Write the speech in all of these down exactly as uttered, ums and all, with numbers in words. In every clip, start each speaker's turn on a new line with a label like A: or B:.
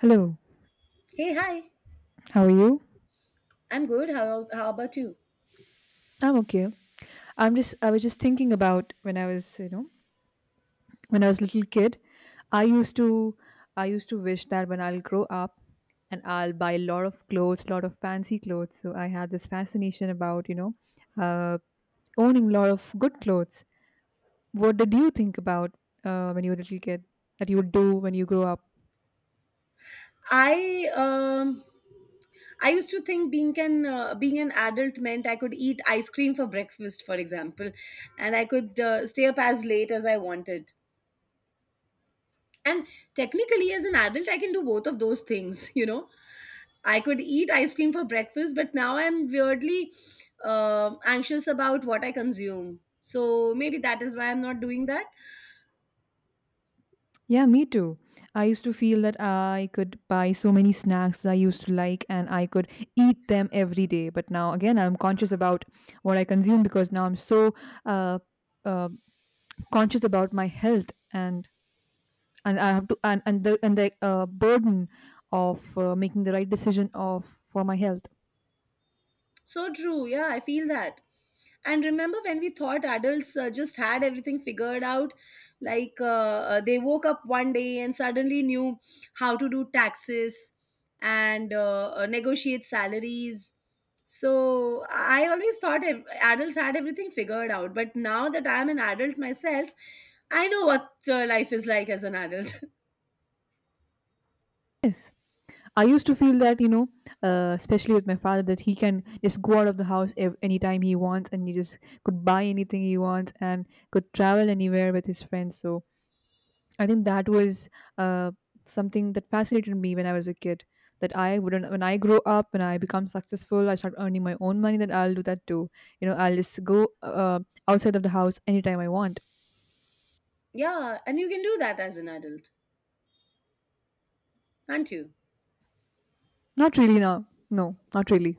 A: Hello,
B: Hey, hi.
A: how are you?
B: I'm good. How how about you?
A: I'm okay. I'm just I was just thinking about when I was, you know, when I was a little kid. I used to I used to wish that when I'll grow up and I'll buy a lot of clothes, lot of fancy clothes. So I had this fascination about, you know, uh, owning a lot of good clothes. What did you think about uh, when you were a little kid, that you would do when you grow up?
B: I um I used to think being an uh, being an adult meant I could eat ice cream for breakfast, for example, and I could uh, stay up as late as I wanted. And technically, as an adult, I can do both of those things. You know, I could eat ice cream for breakfast, but now I'm weirdly um anxious about what I consume. So maybe that is why I'm not doing that.
A: Yeah, me too. I used to feel that I could buy so many snacks that I used to like and I could eat them every day. But now, again, I'm conscious about what I consume because now I'm so uh, uh, conscious about my health, and and I have to and and the and the uh, burden of uh, making the right decision of for my health.
B: So true. Yeah, I feel that. And remember when we thought adults uh, just had everything figured out? Like uh, uh, they woke up one day and suddenly knew how to do taxes and uh, uh, negotiate salaries. So I always thought ev- adults had everything figured out. But now that I'm an adult myself, I know what uh, life is like as an adult.
A: Yes. I used to feel that, you know, uh, especially with my father, that he can just go out of the house ev- anytime he wants, and he just could buy anything he wants and could travel anywhere with his friends. So I think that was uh, something that fascinated me when I was a kid. That I wouldn't, when I grow up, when I become successful, I start earning my own money, that I'll do that too. You know, I'll just go uh, outside of the house anytime I want.
B: yeah, and you can do that as an adult, can't you?
A: Not really now. No, not really.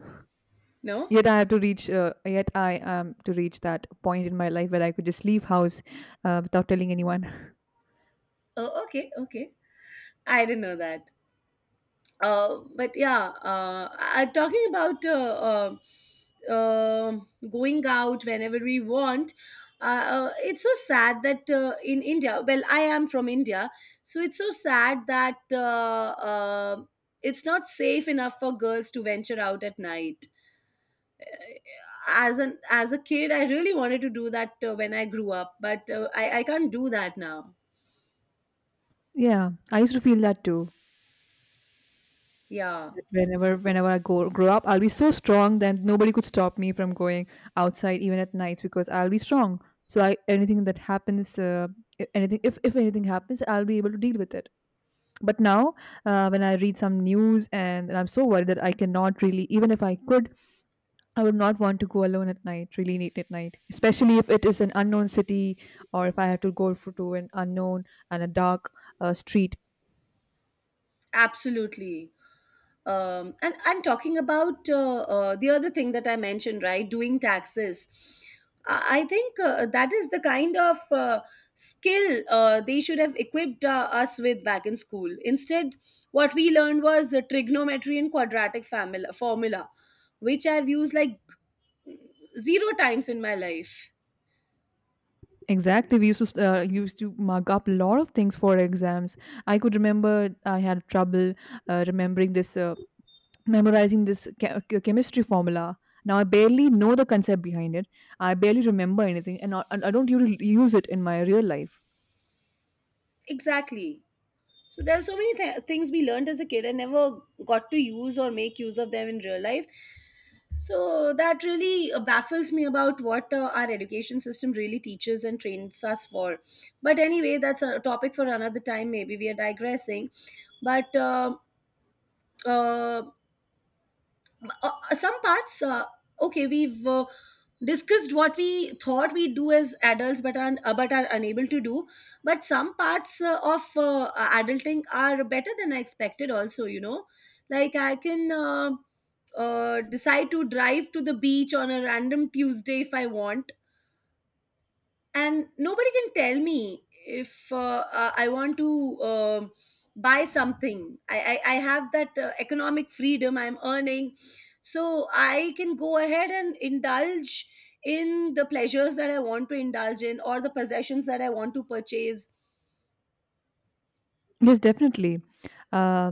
B: No?
A: Yet I have to reach. Uh, yet I am to reach that point in my life where I could just leave house uh, without telling anyone.
B: Oh, okay, okay. I didn't know that. Uh, but yeah, uh, I, talking about uh, uh, um going out whenever we want. Uh, uh, it's so sad that uh, in India, well, I am from India, so it's so sad that uh, uh, it's not safe enough for girls to venture out at night. As an as a kid, I really wanted to do that uh, when I grew up, but uh, I I can't do that now.
A: Yeah, I used to feel that too.
B: Yeah,
A: That whenever, whenever I go grow up, I'll be so strong that nobody could stop me from going outside even at nights because I'll be strong. So I anything that happens, uh, i- anything, if if anything happens, I'll be able to deal with it. But now, uh, when I read some news, and, and I'm so worried that I cannot really, even if I could, I would not want to go alone at night, really late at night, especially if it is an unknown city, or if I have to go for, to an unknown and a dark uh, street.
B: absolutely. Um, and and talking about uh, uh, the other thing that I mentioned, right, doing taxes. I I think uh, that is the kind of uh, skill uh, they should have equipped uh, us with back in school. Instead, what we learned was uh, trigonometry and quadratic famil- formula, which I've used like zero times in my life.
A: Exactly, we used to uh, used to mug up a lot of things for exams. I could remember I had trouble uh, remembering this, uh, memorizing this che- che- chemistry formula. Now I barely know the concept behind it. I barely remember anything, and not, and I don't usually use it in my real life.
B: Exactly. So there are so many th- things we learned as a kid and never got to use or make use of them in real life. So that really uh, baffles me about what uh, our education system really teaches and trains us for. But anyway, that's a topic for another time. Maybe we are digressing. But uh, uh, uh, uh, some parts, uh, okay, we've uh, discussed what we thought we do as adults, but are, uh, but are unable to do. But some parts uh, of uh, adulting are better than I expected. Also, you know like I can, uh, uh, decide to drive to the beach on a random Tuesday if I want, and nobody can tell me. If uh, uh, I want to um buy something, I, I i have that uh, economic freedom. I'm earning, so I can go ahead and indulge in the pleasures that I want to indulge in, or the possessions that I want to purchase.
A: Yes, definitely. Uh,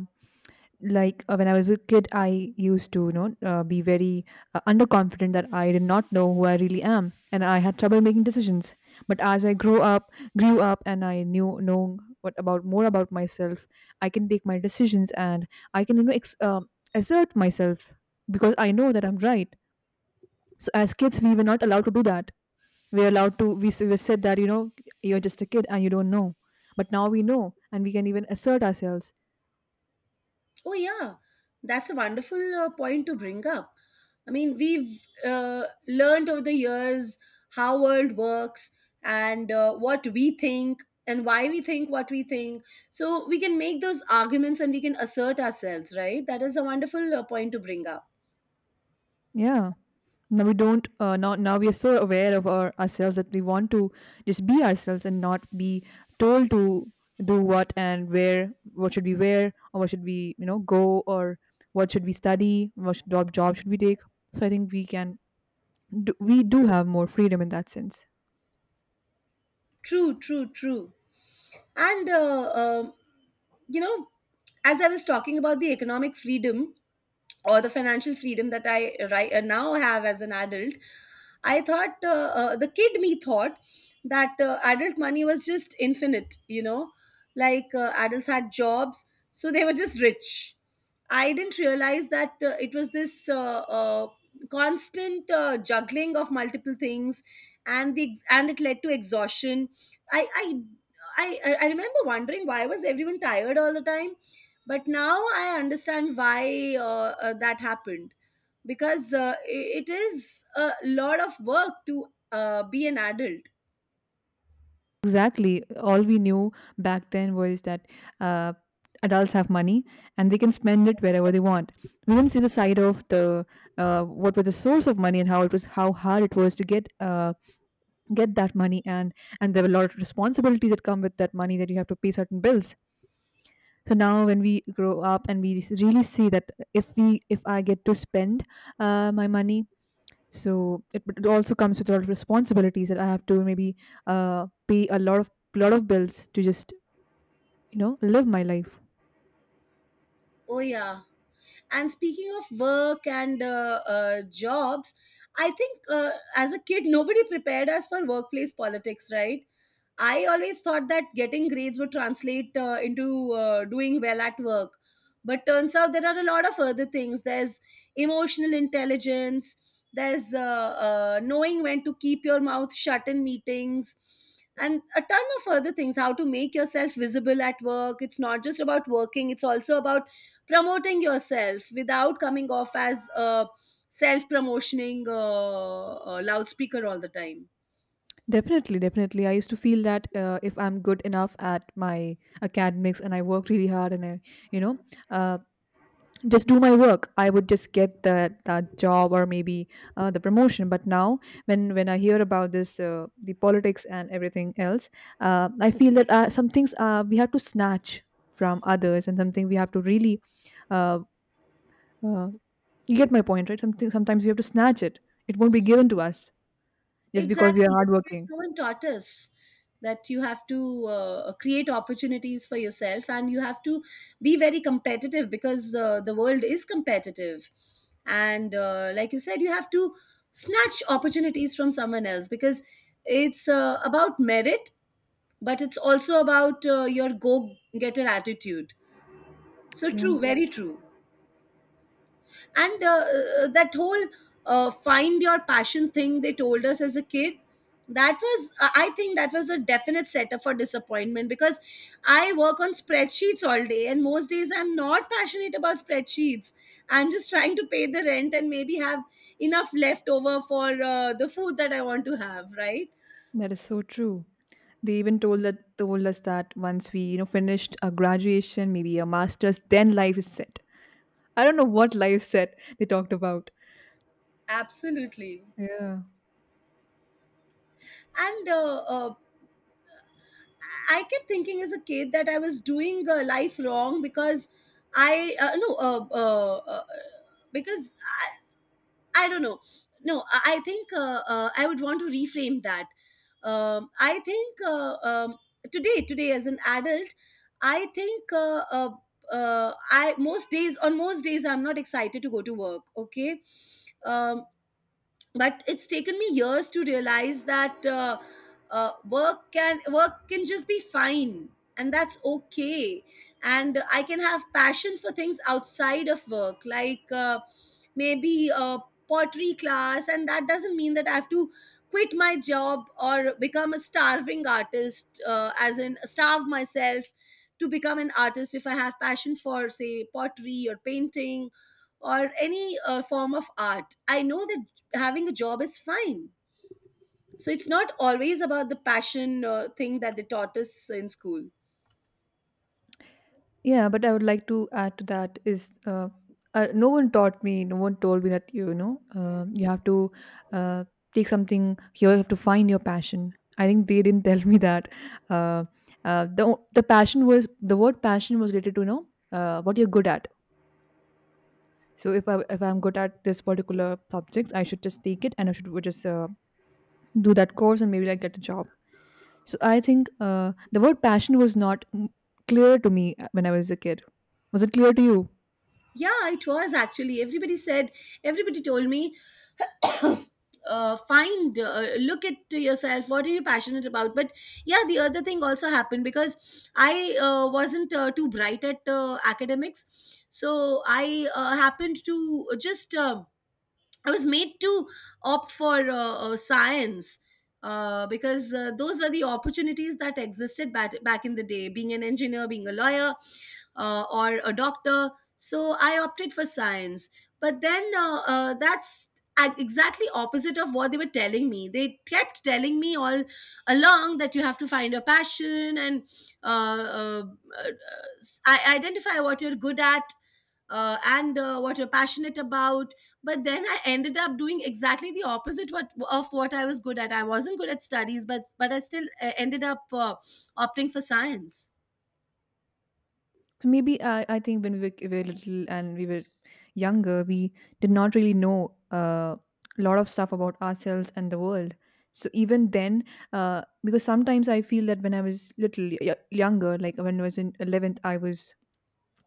A: like, uh, when I was a kid, I used to, you know, uh, be very uh, underconfident, that I did not know who I really am, and I had trouble making decisions. But as I grew up, grew up, and I knew know what about more about myself, I can take my decisions, and I can, you know, ex- uh, assert myself because I know that I'm right. So as kids, we were not allowed to do that. We were allowed to. We s- we said that you know you're just a kid and you don't know. But now we know, and we can even assert ourselves.
B: Oh, yeah, that's a wonderful uh, point to bring up. I mean, we've uh, learned over the years how world works, and uh, what we think and why we think what we think. So we can make those arguments and we can assert ourselves, right? That is a wonderful uh, point to bring up.
A: Yeah. Now we don't. Uh, now now we are so aware of our ourselves that we want to just be ourselves and not be told to do what and where, what should we wear, or what should we you know go, or what should we study, what should, job job should we take. So I think we can do, we do have more freedom in that sense.
B: True, true, true. And uh, um you know, as I was talking about the economic freedom, or the financial freedom that I right, uh, now have as an adult, I thought uh, uh, the kid me thought that uh, adult money was just infinite, you know, like uh, adults had jobs, so they were just rich. I didn't realize that uh, it was this uh, uh, constant uh, juggling of multiple things, and the ex- and it led to exhaustion. I I. I, I I remember wondering why was everyone tired all the time, but now I understand why uh, uh, that happened, because uh, i- it is a lot of work to uh, be an adult.
A: Exactly. All we knew back then was that uh, adults have money and they can spend it wherever they want. We didn't see the side of the uh, what was the source of money, and how it was how hard it was to get uh, get that money, and and there were a lot of responsibilities that come with that money, that you have to pay certain bills. So now when we grow up and we really see that if we if I get to spend uh, my money, so it, but it also comes with a lot of responsibilities, that I have to maybe uh, pay a lot of lot of bills to just you know live my life.
B: Oh, yeah. And speaking of work and uh, uh, jobs, I think uh, as a kid nobody prepared us for workplace politics, right? I always thought that getting grades would translate uh, into uh, doing well at work. But turns out there are a lot of other things. There's emotional intelligence, there's uh, uh, knowing when to keep your mouth shut in meetings, and a ton of other things. How to make yourself visible at work. It's not just about working, it's also about promoting yourself without coming off as a self promotioning uh, uh, loudspeaker all the time.
A: Definitely, definitely. I used to feel that uh, if I'm good enough at my academics, and I work really hard, and I, you know, uh, just do my work, I would just get that that job, or maybe uh, the promotion. But now when when I hear about this uh, the politics and everything else, uh, I feel that uh, some things uh, we have to snatch from others, and something we have to really, uh, uh, you get my point, right? something Sometimes we have to snatch it. It won't be given to us just because we are
B: Exactly. As kids,
A: hardworking.
B: no one taught us that you have to uh, create opportunities for yourself and you have to be very competitive, because uh, the world is competitive. And uh, like you said, you have to snatch opportunities from someone else because it's uh, about merit, but it's also about uh, your go getter attitude. So,
A: Yeah,
B: true, very true. And uh, uh, that whole uh, find your passion thing they told us as a kid, that was I I think that was a definite setup for disappointment, because I work on spreadsheets all day and most days I'm not passionate about spreadsheets. I'm just trying to pay the rent and maybe have enough left over for uh, the food that I want to have, right?
A: that is so true. They even told that told us that once we you know finished a graduation, maybe a master's, then life is set. I don't know what live set they talked about.
B: Absolutely.
A: Yeah.
B: And uh, uh, I kept thinking as a kid that I was doing uh, life wrong because I uh, no, uh, uh, uh, because I, I don't know. No I I think uh, uh, I would want to reframe that. Um, I think uh, um, today today as an adult, I think uh, uh, uh, I most days on most days I'm not excited to go to work. Okay. um, but it's taken me years to realize that uh, uh, work can work can just be fine, and that's okay. And I can have passion for things outside of work, like uh, maybe a pottery class, and that doesn't mean that I have to quit my job or become a starving artist, uh, as in starve myself to become an artist. If I have passion for say pottery or painting or any uh, form of art, I know that having a job is fine. So it's not always about the passion uh, thing that they taught us in school.
A: Yeah, but I would like to add to that is uh, uh, no one taught me, no one told me that you know uh, you have to uh, take something here, you have to find your passion. I think they didn't tell me that. Uh, uh, the o- the passion was the word passion was related to you know uh, what you're good at. So if I if I'm good at this particular subject, I should just take it, and I should just uh, do that course and maybe like get a job. So I think uh, the word passion was not mm, clear to me uh, when I was a kid. Was it clear to you?
B: Yeah, it was actually. Everybody said, everybody told me, uh, find, uh, look at yourself, what are you passionate about? But yeah, the other thing also happened because I uh, wasn't uh, too bright at uh, academics. So I uh, happened to just. Uh, I was made to opt for uh, uh, science uh, because uh, those were the opportunities that existed back, back in the day, being an engineer, being a lawyer, uh, or a doctor. So I opted for science. But then uh, uh, that's a- exactly opposite of what they were telling me. They kept telling me all along that you have to find your passion and uh, uh, uh, s- I- identify what you're good at uh, and uh, what you're passionate about, but then I ended up doing exactly the opposite what of what I was good at. I wasn't good at studies, but but I still uh, ended up uh, opting for science.
A: So maybe I, I think when we were, we were little, and we were younger, we did not really know uh, a lot of stuff about ourselves and the world. So even then, uh, because sometimes I feel that when I was little y- younger, like when I was in eleventh, I was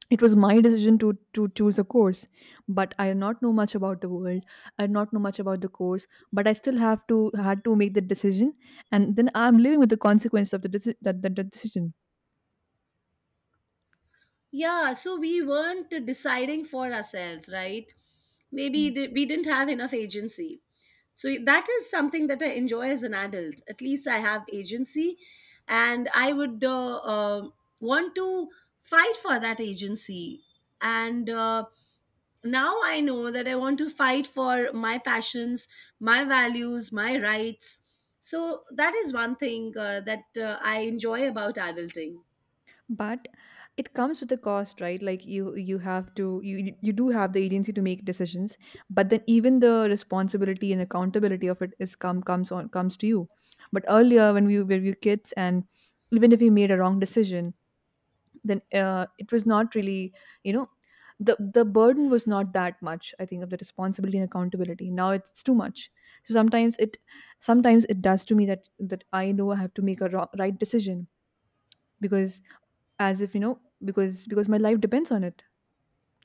A: it was my decision to to choose a course. But I did not know much about the world, I did not know much about the course, but I still have to had to make the decision, and then I'm living with the consequence of the, deci- that, that, that decision.
B: Yeah, so we weren't deciding for ourselves, right?
A: Yeah.
B: Maybe di- we didn't have enough agency. So that is something that I enjoy as an adult. At least I have agency, and I would uh, uh, want to fight for that agency. And uh, now I know that I want to fight for my passions, my values, my rights. So that is one thing uh, that uh, I enjoy about adulting.
A: But it comes with a cost, right? Like you you have to, you you do have the agency to make decisions, but then even the responsibility and accountability of it is come comes on comes to you. But earlier when we were we were kids, and even if we made a wrong decision, then uh, it was not really, you know the the burden was not that much, I think, of the responsibility and accountability. Now it's too much. So sometimes it sometimes it does to me that, that I know I have to make a ro- right decision, because, as if you know because because my life depends on it.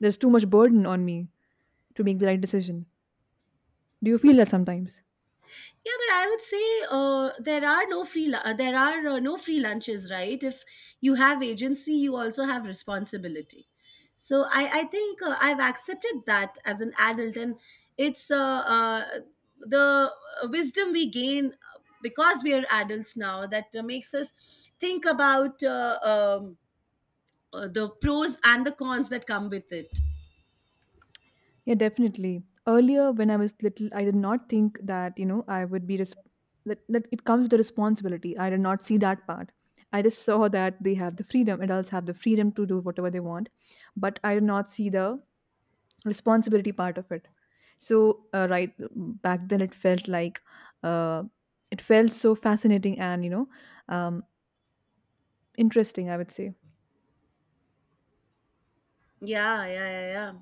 A: There's too much burden on me to make the right decision. Do you feel that sometimes?
B: Yeah, but I would say uh, there are no free lu- uh, there are uh, no free lunches, right? If you have agency, you also have responsibility. So I I think uh, I've accepted that as an adult, and it's uh, uh, the uh, wisdom we gain uh, because we are adults now, that uh, makes us think about uh, um, uh, the pros and the cons that come with it.
A: Yeah, definitely. Earlier, when I was little, I did not think that you know I would be res- that that it comes with the responsibility. I did not see that part. I just saw that they have the freedom. Adults have the freedom to do whatever they want, but I did not see the responsibility part of it. So, uh, right back then, it felt like uh, it felt so fascinating, and you know um, interesting, I would say.
B: Yeah, yeah, yeah, yeah.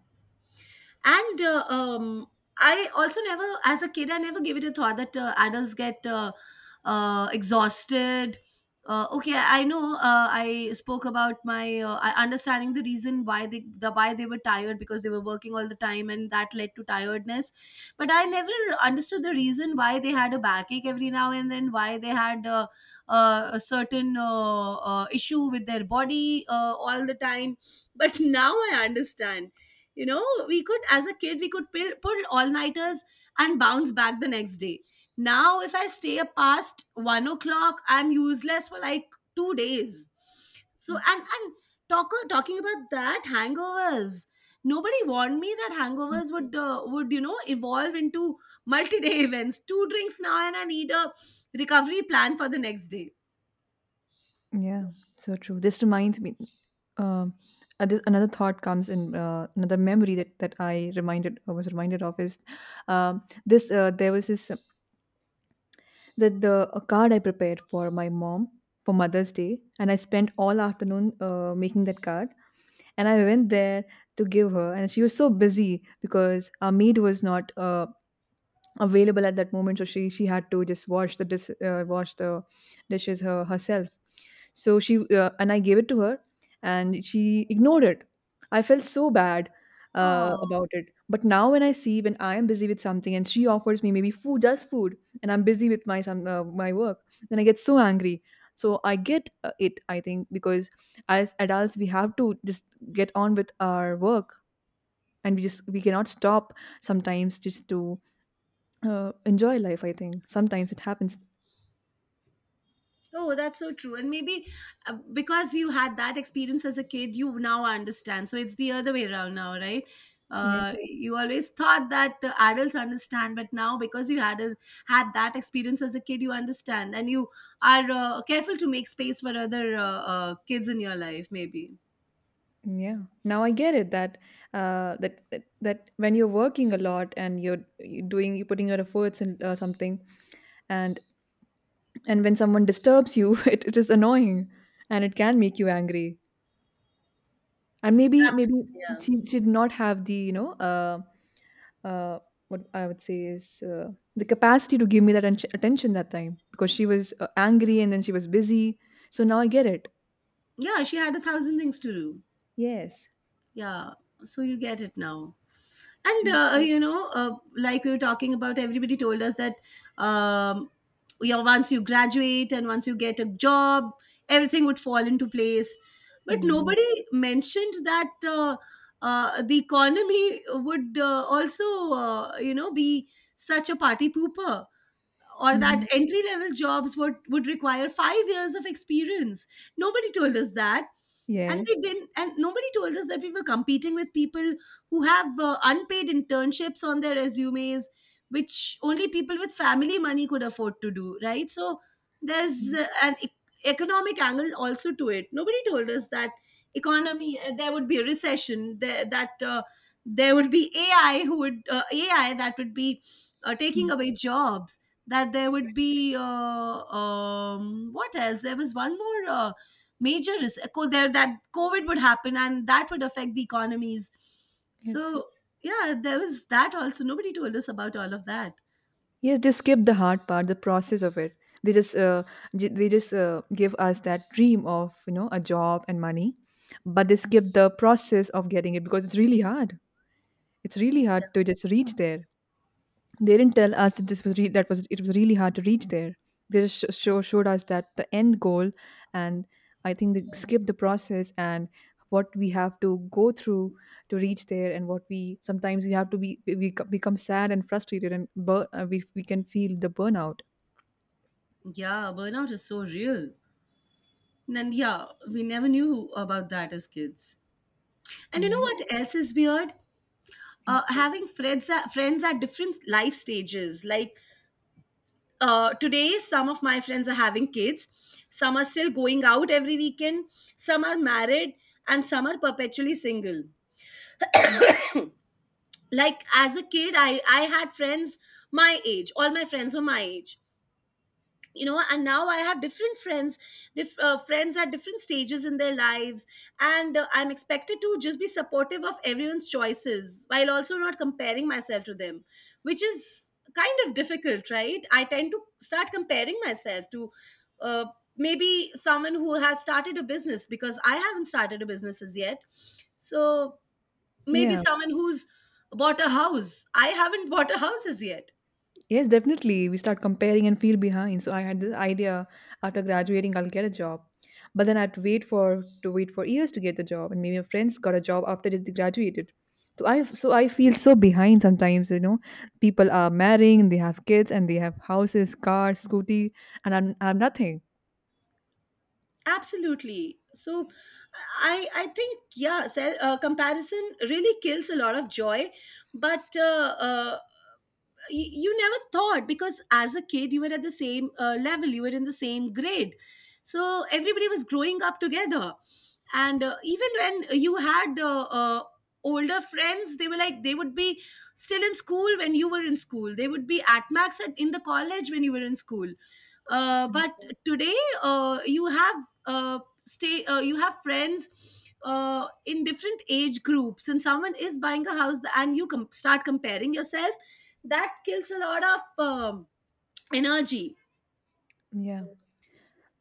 B: And uh, um, I also never as a kid, I never gave it a thought that uh, adults get uh, uh, exhausted. Uh, okay, I know uh, I spoke about my uh, I- understanding the reason why they the why they were tired, because they were working all the time, and that led to tiredness. But I never understood the reason why they had a backache every now and then, why they had uh, uh, a certain uh, uh, issue with their body uh, all the time. But now I understand. you know we could As a kid we could pull, pull all nighters and bounce back the next day. Now if I stay up past one o'clock I'm useless for like two days. So and and talk, talking about that, hangovers. Nobody warned me that hangovers would uh, would you know evolve into multi-day events. Two drinks now and I need a recovery plan for the next day.
A: Yeah, so true. This reminds me, um, uh, this, another thought comes in, uh, another memory that, that I reminded, I was reminded of is, um, this, uh, there was this, that the a card I prepared for my mom for Mother's Day, and I spent all afternoon uh, making that card, and I went there to give her, and she was so busy because our maid was not, uh, available at that moment, so she, she had to just wash the dis, uh, wash the dishes her, herself. So she uh, and I gave it to her, and she ignored it. I felt so bad uh,
B: Oh.
A: about it. But now when I see when I am busy with something and she offers me maybe food, just food, and I'm busy with my some uh, my work, then I get so angry. So I get uh, it. I think because as adults we have to just get on with our work, and we just we cannot stop sometimes just to uh, enjoy life. I think sometimes it happens.
B: Oh, that's so true. And maybe uh, because you had that experience as a kid, you now understand. So it's the other way around now, right?
A: Yes.
B: Uh, you always thought that uh, adults understand, but now because you had a, had that experience as a kid, you understand, and you are uh, careful to make space for other uh, uh, kids in your life. Maybe,
A: Yeah. Now I get it that uh, that that that when you're working a lot and you're, you're doing you're putting your efforts in uh, something and and when someone disturbs you, it, it is annoying and it can make you angry. And maybe maybe
B: absolutely,
A: she, she did not have the you know uh, uh, what I would say is uh, the capacity to give me that atten- attention that time because she was uh, angry and then she was busy. So now I get it.
B: yeah. Yeah, she had a thousand things to do.
A: Yes.
B: Yeah, so you get it now. And
A: Mm.
B: uh, you know uh, Like we were talking about, everybody told us that, um, you know, once you graduate and once you get a job, everything would fall into place, but nobody mentioned that uh, uh, the economy would uh, also, uh, you know, be such a party pooper, or that
A: Mhm.
B: entry level jobs would, would require five years of experience. Nobody told us that. and
A: Yes.
B: they didn't and nobody told us that we were competing with people who have uh, unpaid internships on their resumes, which only people with family money could afford to do, right? So there's uh, an e- economic angle also to it. Nobody told us that economy, uh, there would be a recession there, that uh, there would be ai who would uh, AI that would be uh,
A: Mhm.
B: taking away jobs, that there would be uh, um, what else, there was one more uh, major res- there, that COVID would happen and that would affect the economies.
A: Yes.
B: So yeah, there was that also. Nobody told us about all of that.
A: Yes, they skip the hard part, the process of it. They just uh, j- they just uh, give us that dream of you know a job and money, but they skip the process of getting it because it's really hard. It's really hard to just reach there. They didn't tell us that this was re- that was it was really hard to reach there. They just sh- show, showed us that the end goal, and I think they skipped the process and what we have to go through to reach there, and what we sometimes we have to be we we become sad and frustrated, and bur- uh, we we can feel the burnout.
B: Yeah, burnout is so real, and yeah, we never knew about that as kids. And you know
A: Yeah,
B: what else is weird?
A: yeah,
B: Uh, having friends at, friends at different life stages. Like uh, today, some of my friends are having kids, some are still going out every weekend, some are married, and some are perpetually single. Like as a kid, i i had friends my age, all my friends were my age, you know. And now I have different friends, diff, uh, friends at different stages in their lives. And uh, I'm expected to just be supportive of everyone's choices while also not comparing myself to them, which is kind of difficult, right? I tend to start comparing myself to uh, maybe someone who has started a business, because I haven't started a business as yet. So maybe
A: yeah.
B: someone who's bought a house, I haven't bought a house as yet.
A: Yes, definitely. We start comparing and feel behind. So I had this idea after graduating, I'll get a job, but then I'd wait for to wait for years to get the job, and maybe my friends got a job after they graduated. So I so I feel so behind sometimes. You know, people are marrying, they have kids, and they have houses, cars, scooty, and I'm I'm nothing.
B: Absolutely, so i i think, yeah, sell, uh, comparison really kills a lot of joy. But uh, uh, y- you never thought, because as a kid you were at the same uh, level, you were in the same grade, so everybody was growing up together. And uh, even when you had uh, uh, older friends, they were like, they would be still in school when you were in school, they would be at max at, in the college when you were in school. Uh, but today, uh, you have uh, stay uh, you have friends uh, in different age groups, and someone is buying a house and you com- start comparing yourself. That kills a lot of um, energy.
A: Yeah.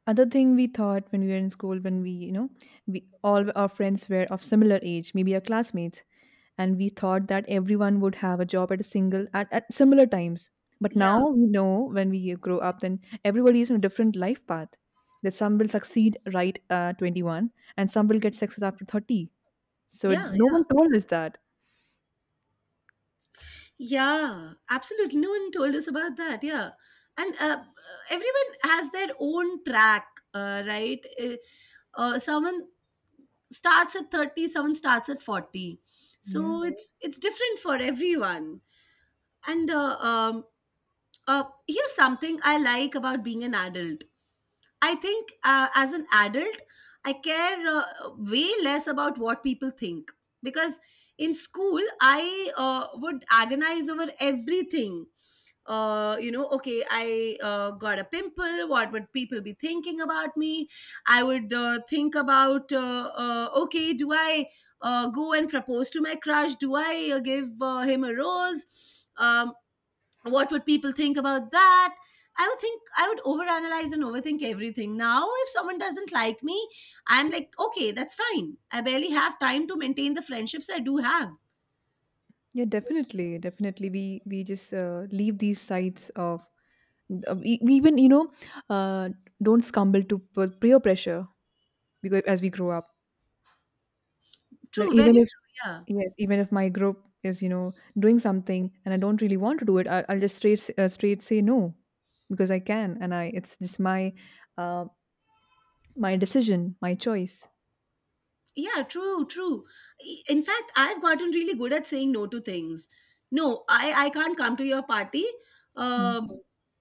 A: Other thing we thought when we were in school when we you know we all our friends were of similar age maybe our classmates, and we thought that everyone would have a job at a single at, at similar times. But
B: Yeah,
A: now we know when we grow up then everybody is on a different life path, that some will succeed right at twenty-one and some will get success after thirty. So it-
B: yeah,
A: no
B: yeah.
A: one told us that.
B: Yeah, absolutely, no one told us about that. Yeah. And uh, everyone has their own track, uh, right. Uh, uh, someone starts at thirty, someone starts at forty,
A: Yeah.
B: so it's it's different for everyone. And uh, um, uh, here's something I like about being an adult. I think uh, as an adult, I care uh, way less about what people think, because in school, I uh, would agonize over everything. Uh, you know, okay, I uh, got a pimple. What would people be thinking about me? I would uh, think about, uh, uh, okay, do I uh, go and propose to my crush? Do I uh, give uh, him a rose? Um, what would people think about that? I would think, I would overanalyze and overthink everything. Now if someone doesn't like me, I'm like, okay, that's fine, I barely have time to maintain the friendships I do have.
A: Yeah, definitely definitely we we just uh, leave these sites of, Uh, e- even you know uh, don't stumble to p- peer pressure because as we grow up, that
B: True, very
A: even if,
B: true, yeah.
A: yes, even if my group is, you know doing something and I don't really want to do it, I, I'll just straight s- uh, straight say no because I can. And I it's just my uh, my decision, my choice.
B: Yeah, true, true. I- In fact, I've gotten really good at saying no to things. No, I I can't come to your party.
A: Mm.
B: Um,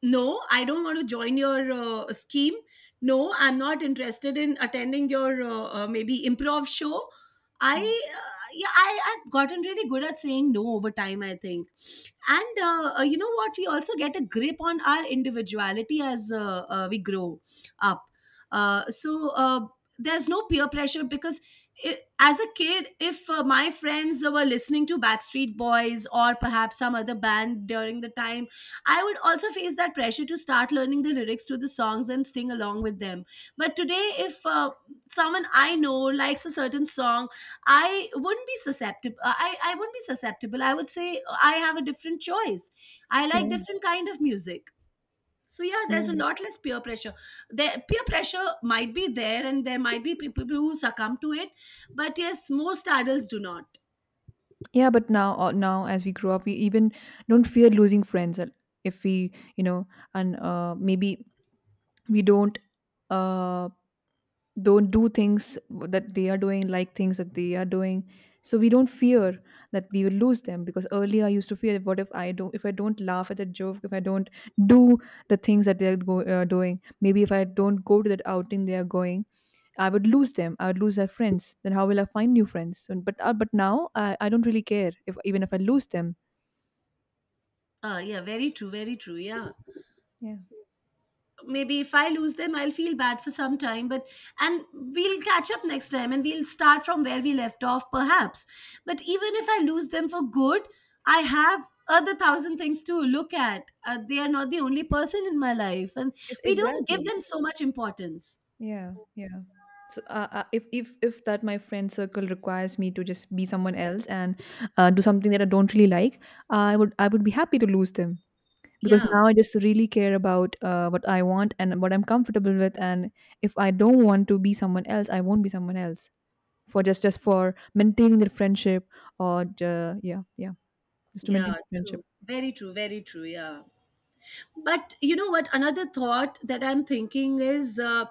B: no, I don't want to join your uh, scheme. No, I'm not interested in attending your uh, uh, maybe improv show. I
A: yeah
B: uh, Yeah, I I've gotten really good at saying no over time, I think. And uh, uh, you know what? We also get a grip on our individuality as uh, uh, we grow up. Uh, so. Uh, there's no peer pressure because, i- as a kid, if uh, my friends were listening to Backstreet Boys or perhaps some other band during the time, I would also face that pressure to start learning the lyrics to the songs and sing along with them. But today, if uh, someone I know likes a certain song, I wouldn't be susceptible. I, I wouldn't be susceptible. I would say I have a different choice. I like
A: yeah
B: different kind of music. So yeah, there's
A: yeah
B: a lot less peer pressure. There, peer pressure might be there, and there might be people who succumb to it, but yes, most adults do not.
A: yeah But now uh, now as we grow up we even don't fear losing friends, uh, if we you know and uh, maybe we don't uh don't do things that they are doing, like things that they are doing. So we don't fear that we will lose them, because earlier I used to fear, what if I don't, if I don't laugh at the joke, if I don't do the things that they're go, uh, doing, maybe if I don't go to that outing they are going, I would lose them, I would lose their friends, then how will I find new friends? And, but uh, but now, I, I don't really care if even if I lose them.
B: Uh, yeah, very true, very true. Yeah,
A: Yeah.
B: maybe if I lose them, I'll feel bad for some time, but and we'll catch up next time, and we'll start from where we left off, perhaps. But even if I lose them for good, I have other thousand things to look at. Uh, they are not the only person in my life, and
A: Yes,
B: we don't give
A: exactly.
B: them so much importance.
A: Yeah, yeah. So, uh, uh, if if if that my friend circle requires me to just be someone else and uh, do something that I don't really like, I would I would be happy to lose them because
B: Yeah.
A: now I just really care about uh, what I want and what I'm comfortable with. And if I don't want to be someone else, I won't be someone else for just just for maintaining the friendship, or uh, yeah yeah just to maintain
B: Yeah,
A: the friendship.
B: true. Very true. Very true. Yeah. But you know what? Another thought that I'm thinking is uh,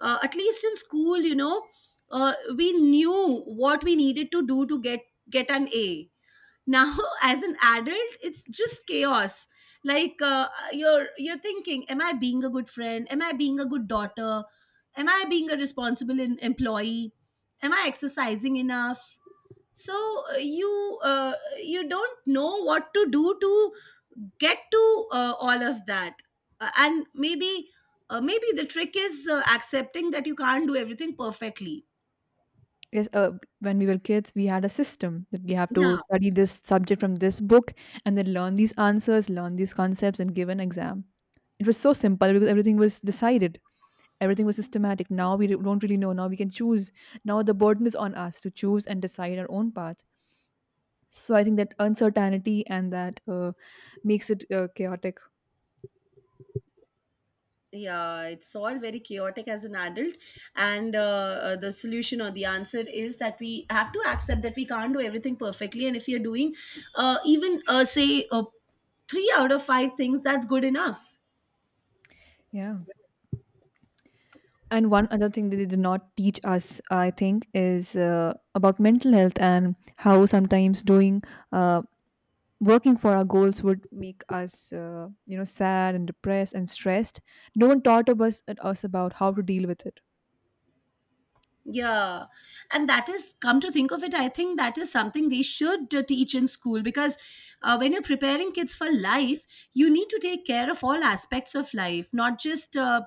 B: uh, at least in school, you know, uh, we knew what we needed to do to get get an A. Now, as an adult, it's just chaos. Like uh, you're you're thinking, am I being a good friend? Am I being a good daughter? Am I being a responsible en- employee? Am I exercising enough? so uh, you uh, you don't know what to do to get to uh, all of that. Uh, and maybe uh, Maybe the trick is uh, accepting that you can't do everything perfectly.
A: Yes, uh, when we were kids, we had a system that we have to
B: Yeah,
A: study this subject from this book and then learn these answers, learn these concepts, and give an exam. It was so simple because everything was decided, everything was systematic. Now we don't really know. Now we can choose. Now the burden is on us to choose and decide our own path. So I think that uncertainty and that uh, makes it uh, chaotic.
B: yeah, it's all very chaotic as an adult. And uh, uh, the solution or the answer is that we have to accept that we can't do everything perfectly, and if you're doing uh, even uh, say uh, three out of five things, that's good enough.
A: Yeah. And one other thing that they did not teach us, I think, is uh, about mental health and how sometimes doing uh, working for our goals would make us uh, you know sad and depressed and stressed. No one taught of us, at us about how to deal with it.
B: Yeah. And that is, come to think of it, I think that is something they should uh, teach in school, because uh, when you're preparing kids for life, you need to take care of all aspects of life, not just uh,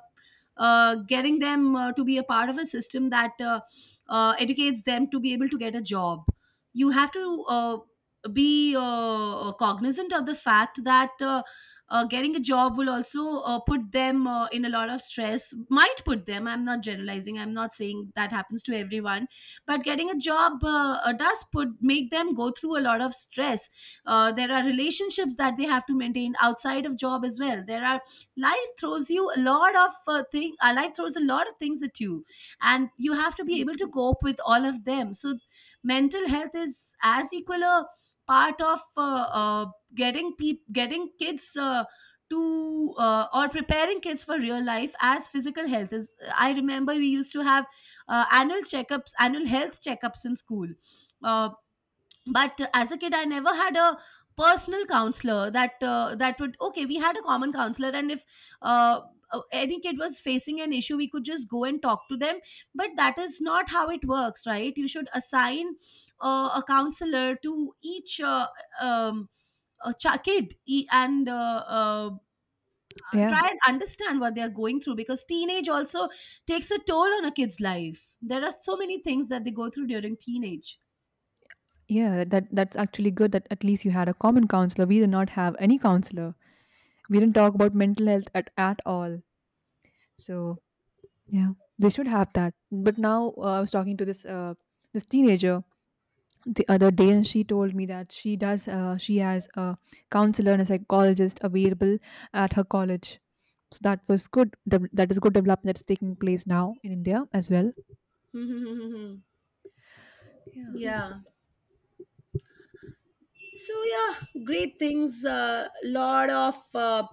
B: uh, getting them uh, to be a part of a system that uh, uh, educates them to be able to get a job. You have to uh, be uh, cognizant of the fact that uh, uh, getting a job will also uh, put them uh, in a lot of stress, might put them. I'm not generalizing, I'm not saying that happens to everyone, but getting a job uh, uh, does put make them go through a lot of stress. Uh, there are relationships that they have to maintain outside of job as well. There are, life throws you a lot of uh, thing uh, life throws a lot of things at you, and you have to be
A: Yeah.
B: able to cope with all of them. So mental health is as equal a part of uh, uh, getting peop getting kids uh, to uh, or preparing kids for real life as physical health is. I remember we used to have uh, annual checkups annual health checkups in school. uh, but as a kid, I never had a personal counselor that uh, that would okay, we had a common counselor, and if uh, uh, any kid was facing an issue, we could just go and talk to them. But that is not how it works, right? You should assign uh, a counselor to each uh, um, a ch- kid, e- and uh, uh,
A: yeah,
B: try and understand what they are going through, because teenage also takes a toll on a kid's life. There are so many things that they go through during teenage.
A: yeah that that's actually good that at least you had a common counselor. We did not have any counselor, we didn't talk about mental health at, at all, so. Yeah, they should have that. But now uh, I was talking to this uh, this teenager the other day, and she told me that she does uh, she has a counselor and a psychologist available at her college. So that was good. dev- That is good development that's taking place now in India as well.
B: Mm-hmm.
A: Yeah,
B: Yeah. So yeah, great things. A lot of uh,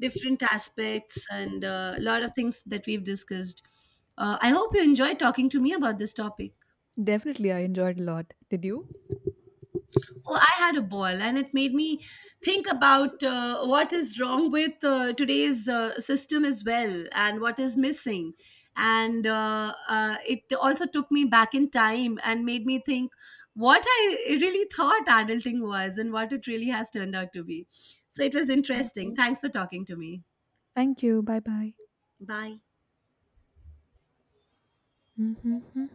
B: different aspects and a lot of things that we've discussed. Uh, I hope you enjoyed talking to me about this topic.
A: definitely. I enjoyed a lot. Did you?
B: Oh, I had a ball, and it made me think about uh, what is wrong with uh, today's uh, system as well, and what is missing. And uh, uh, it also took me back in time and made me think what I really thought adulting was and what it really has turned out to be. So it was
A: Yeah.
B: interesting. Thanks for talking to me.
A: Thank you. Bye bye.
B: Bye.
A: Hmm.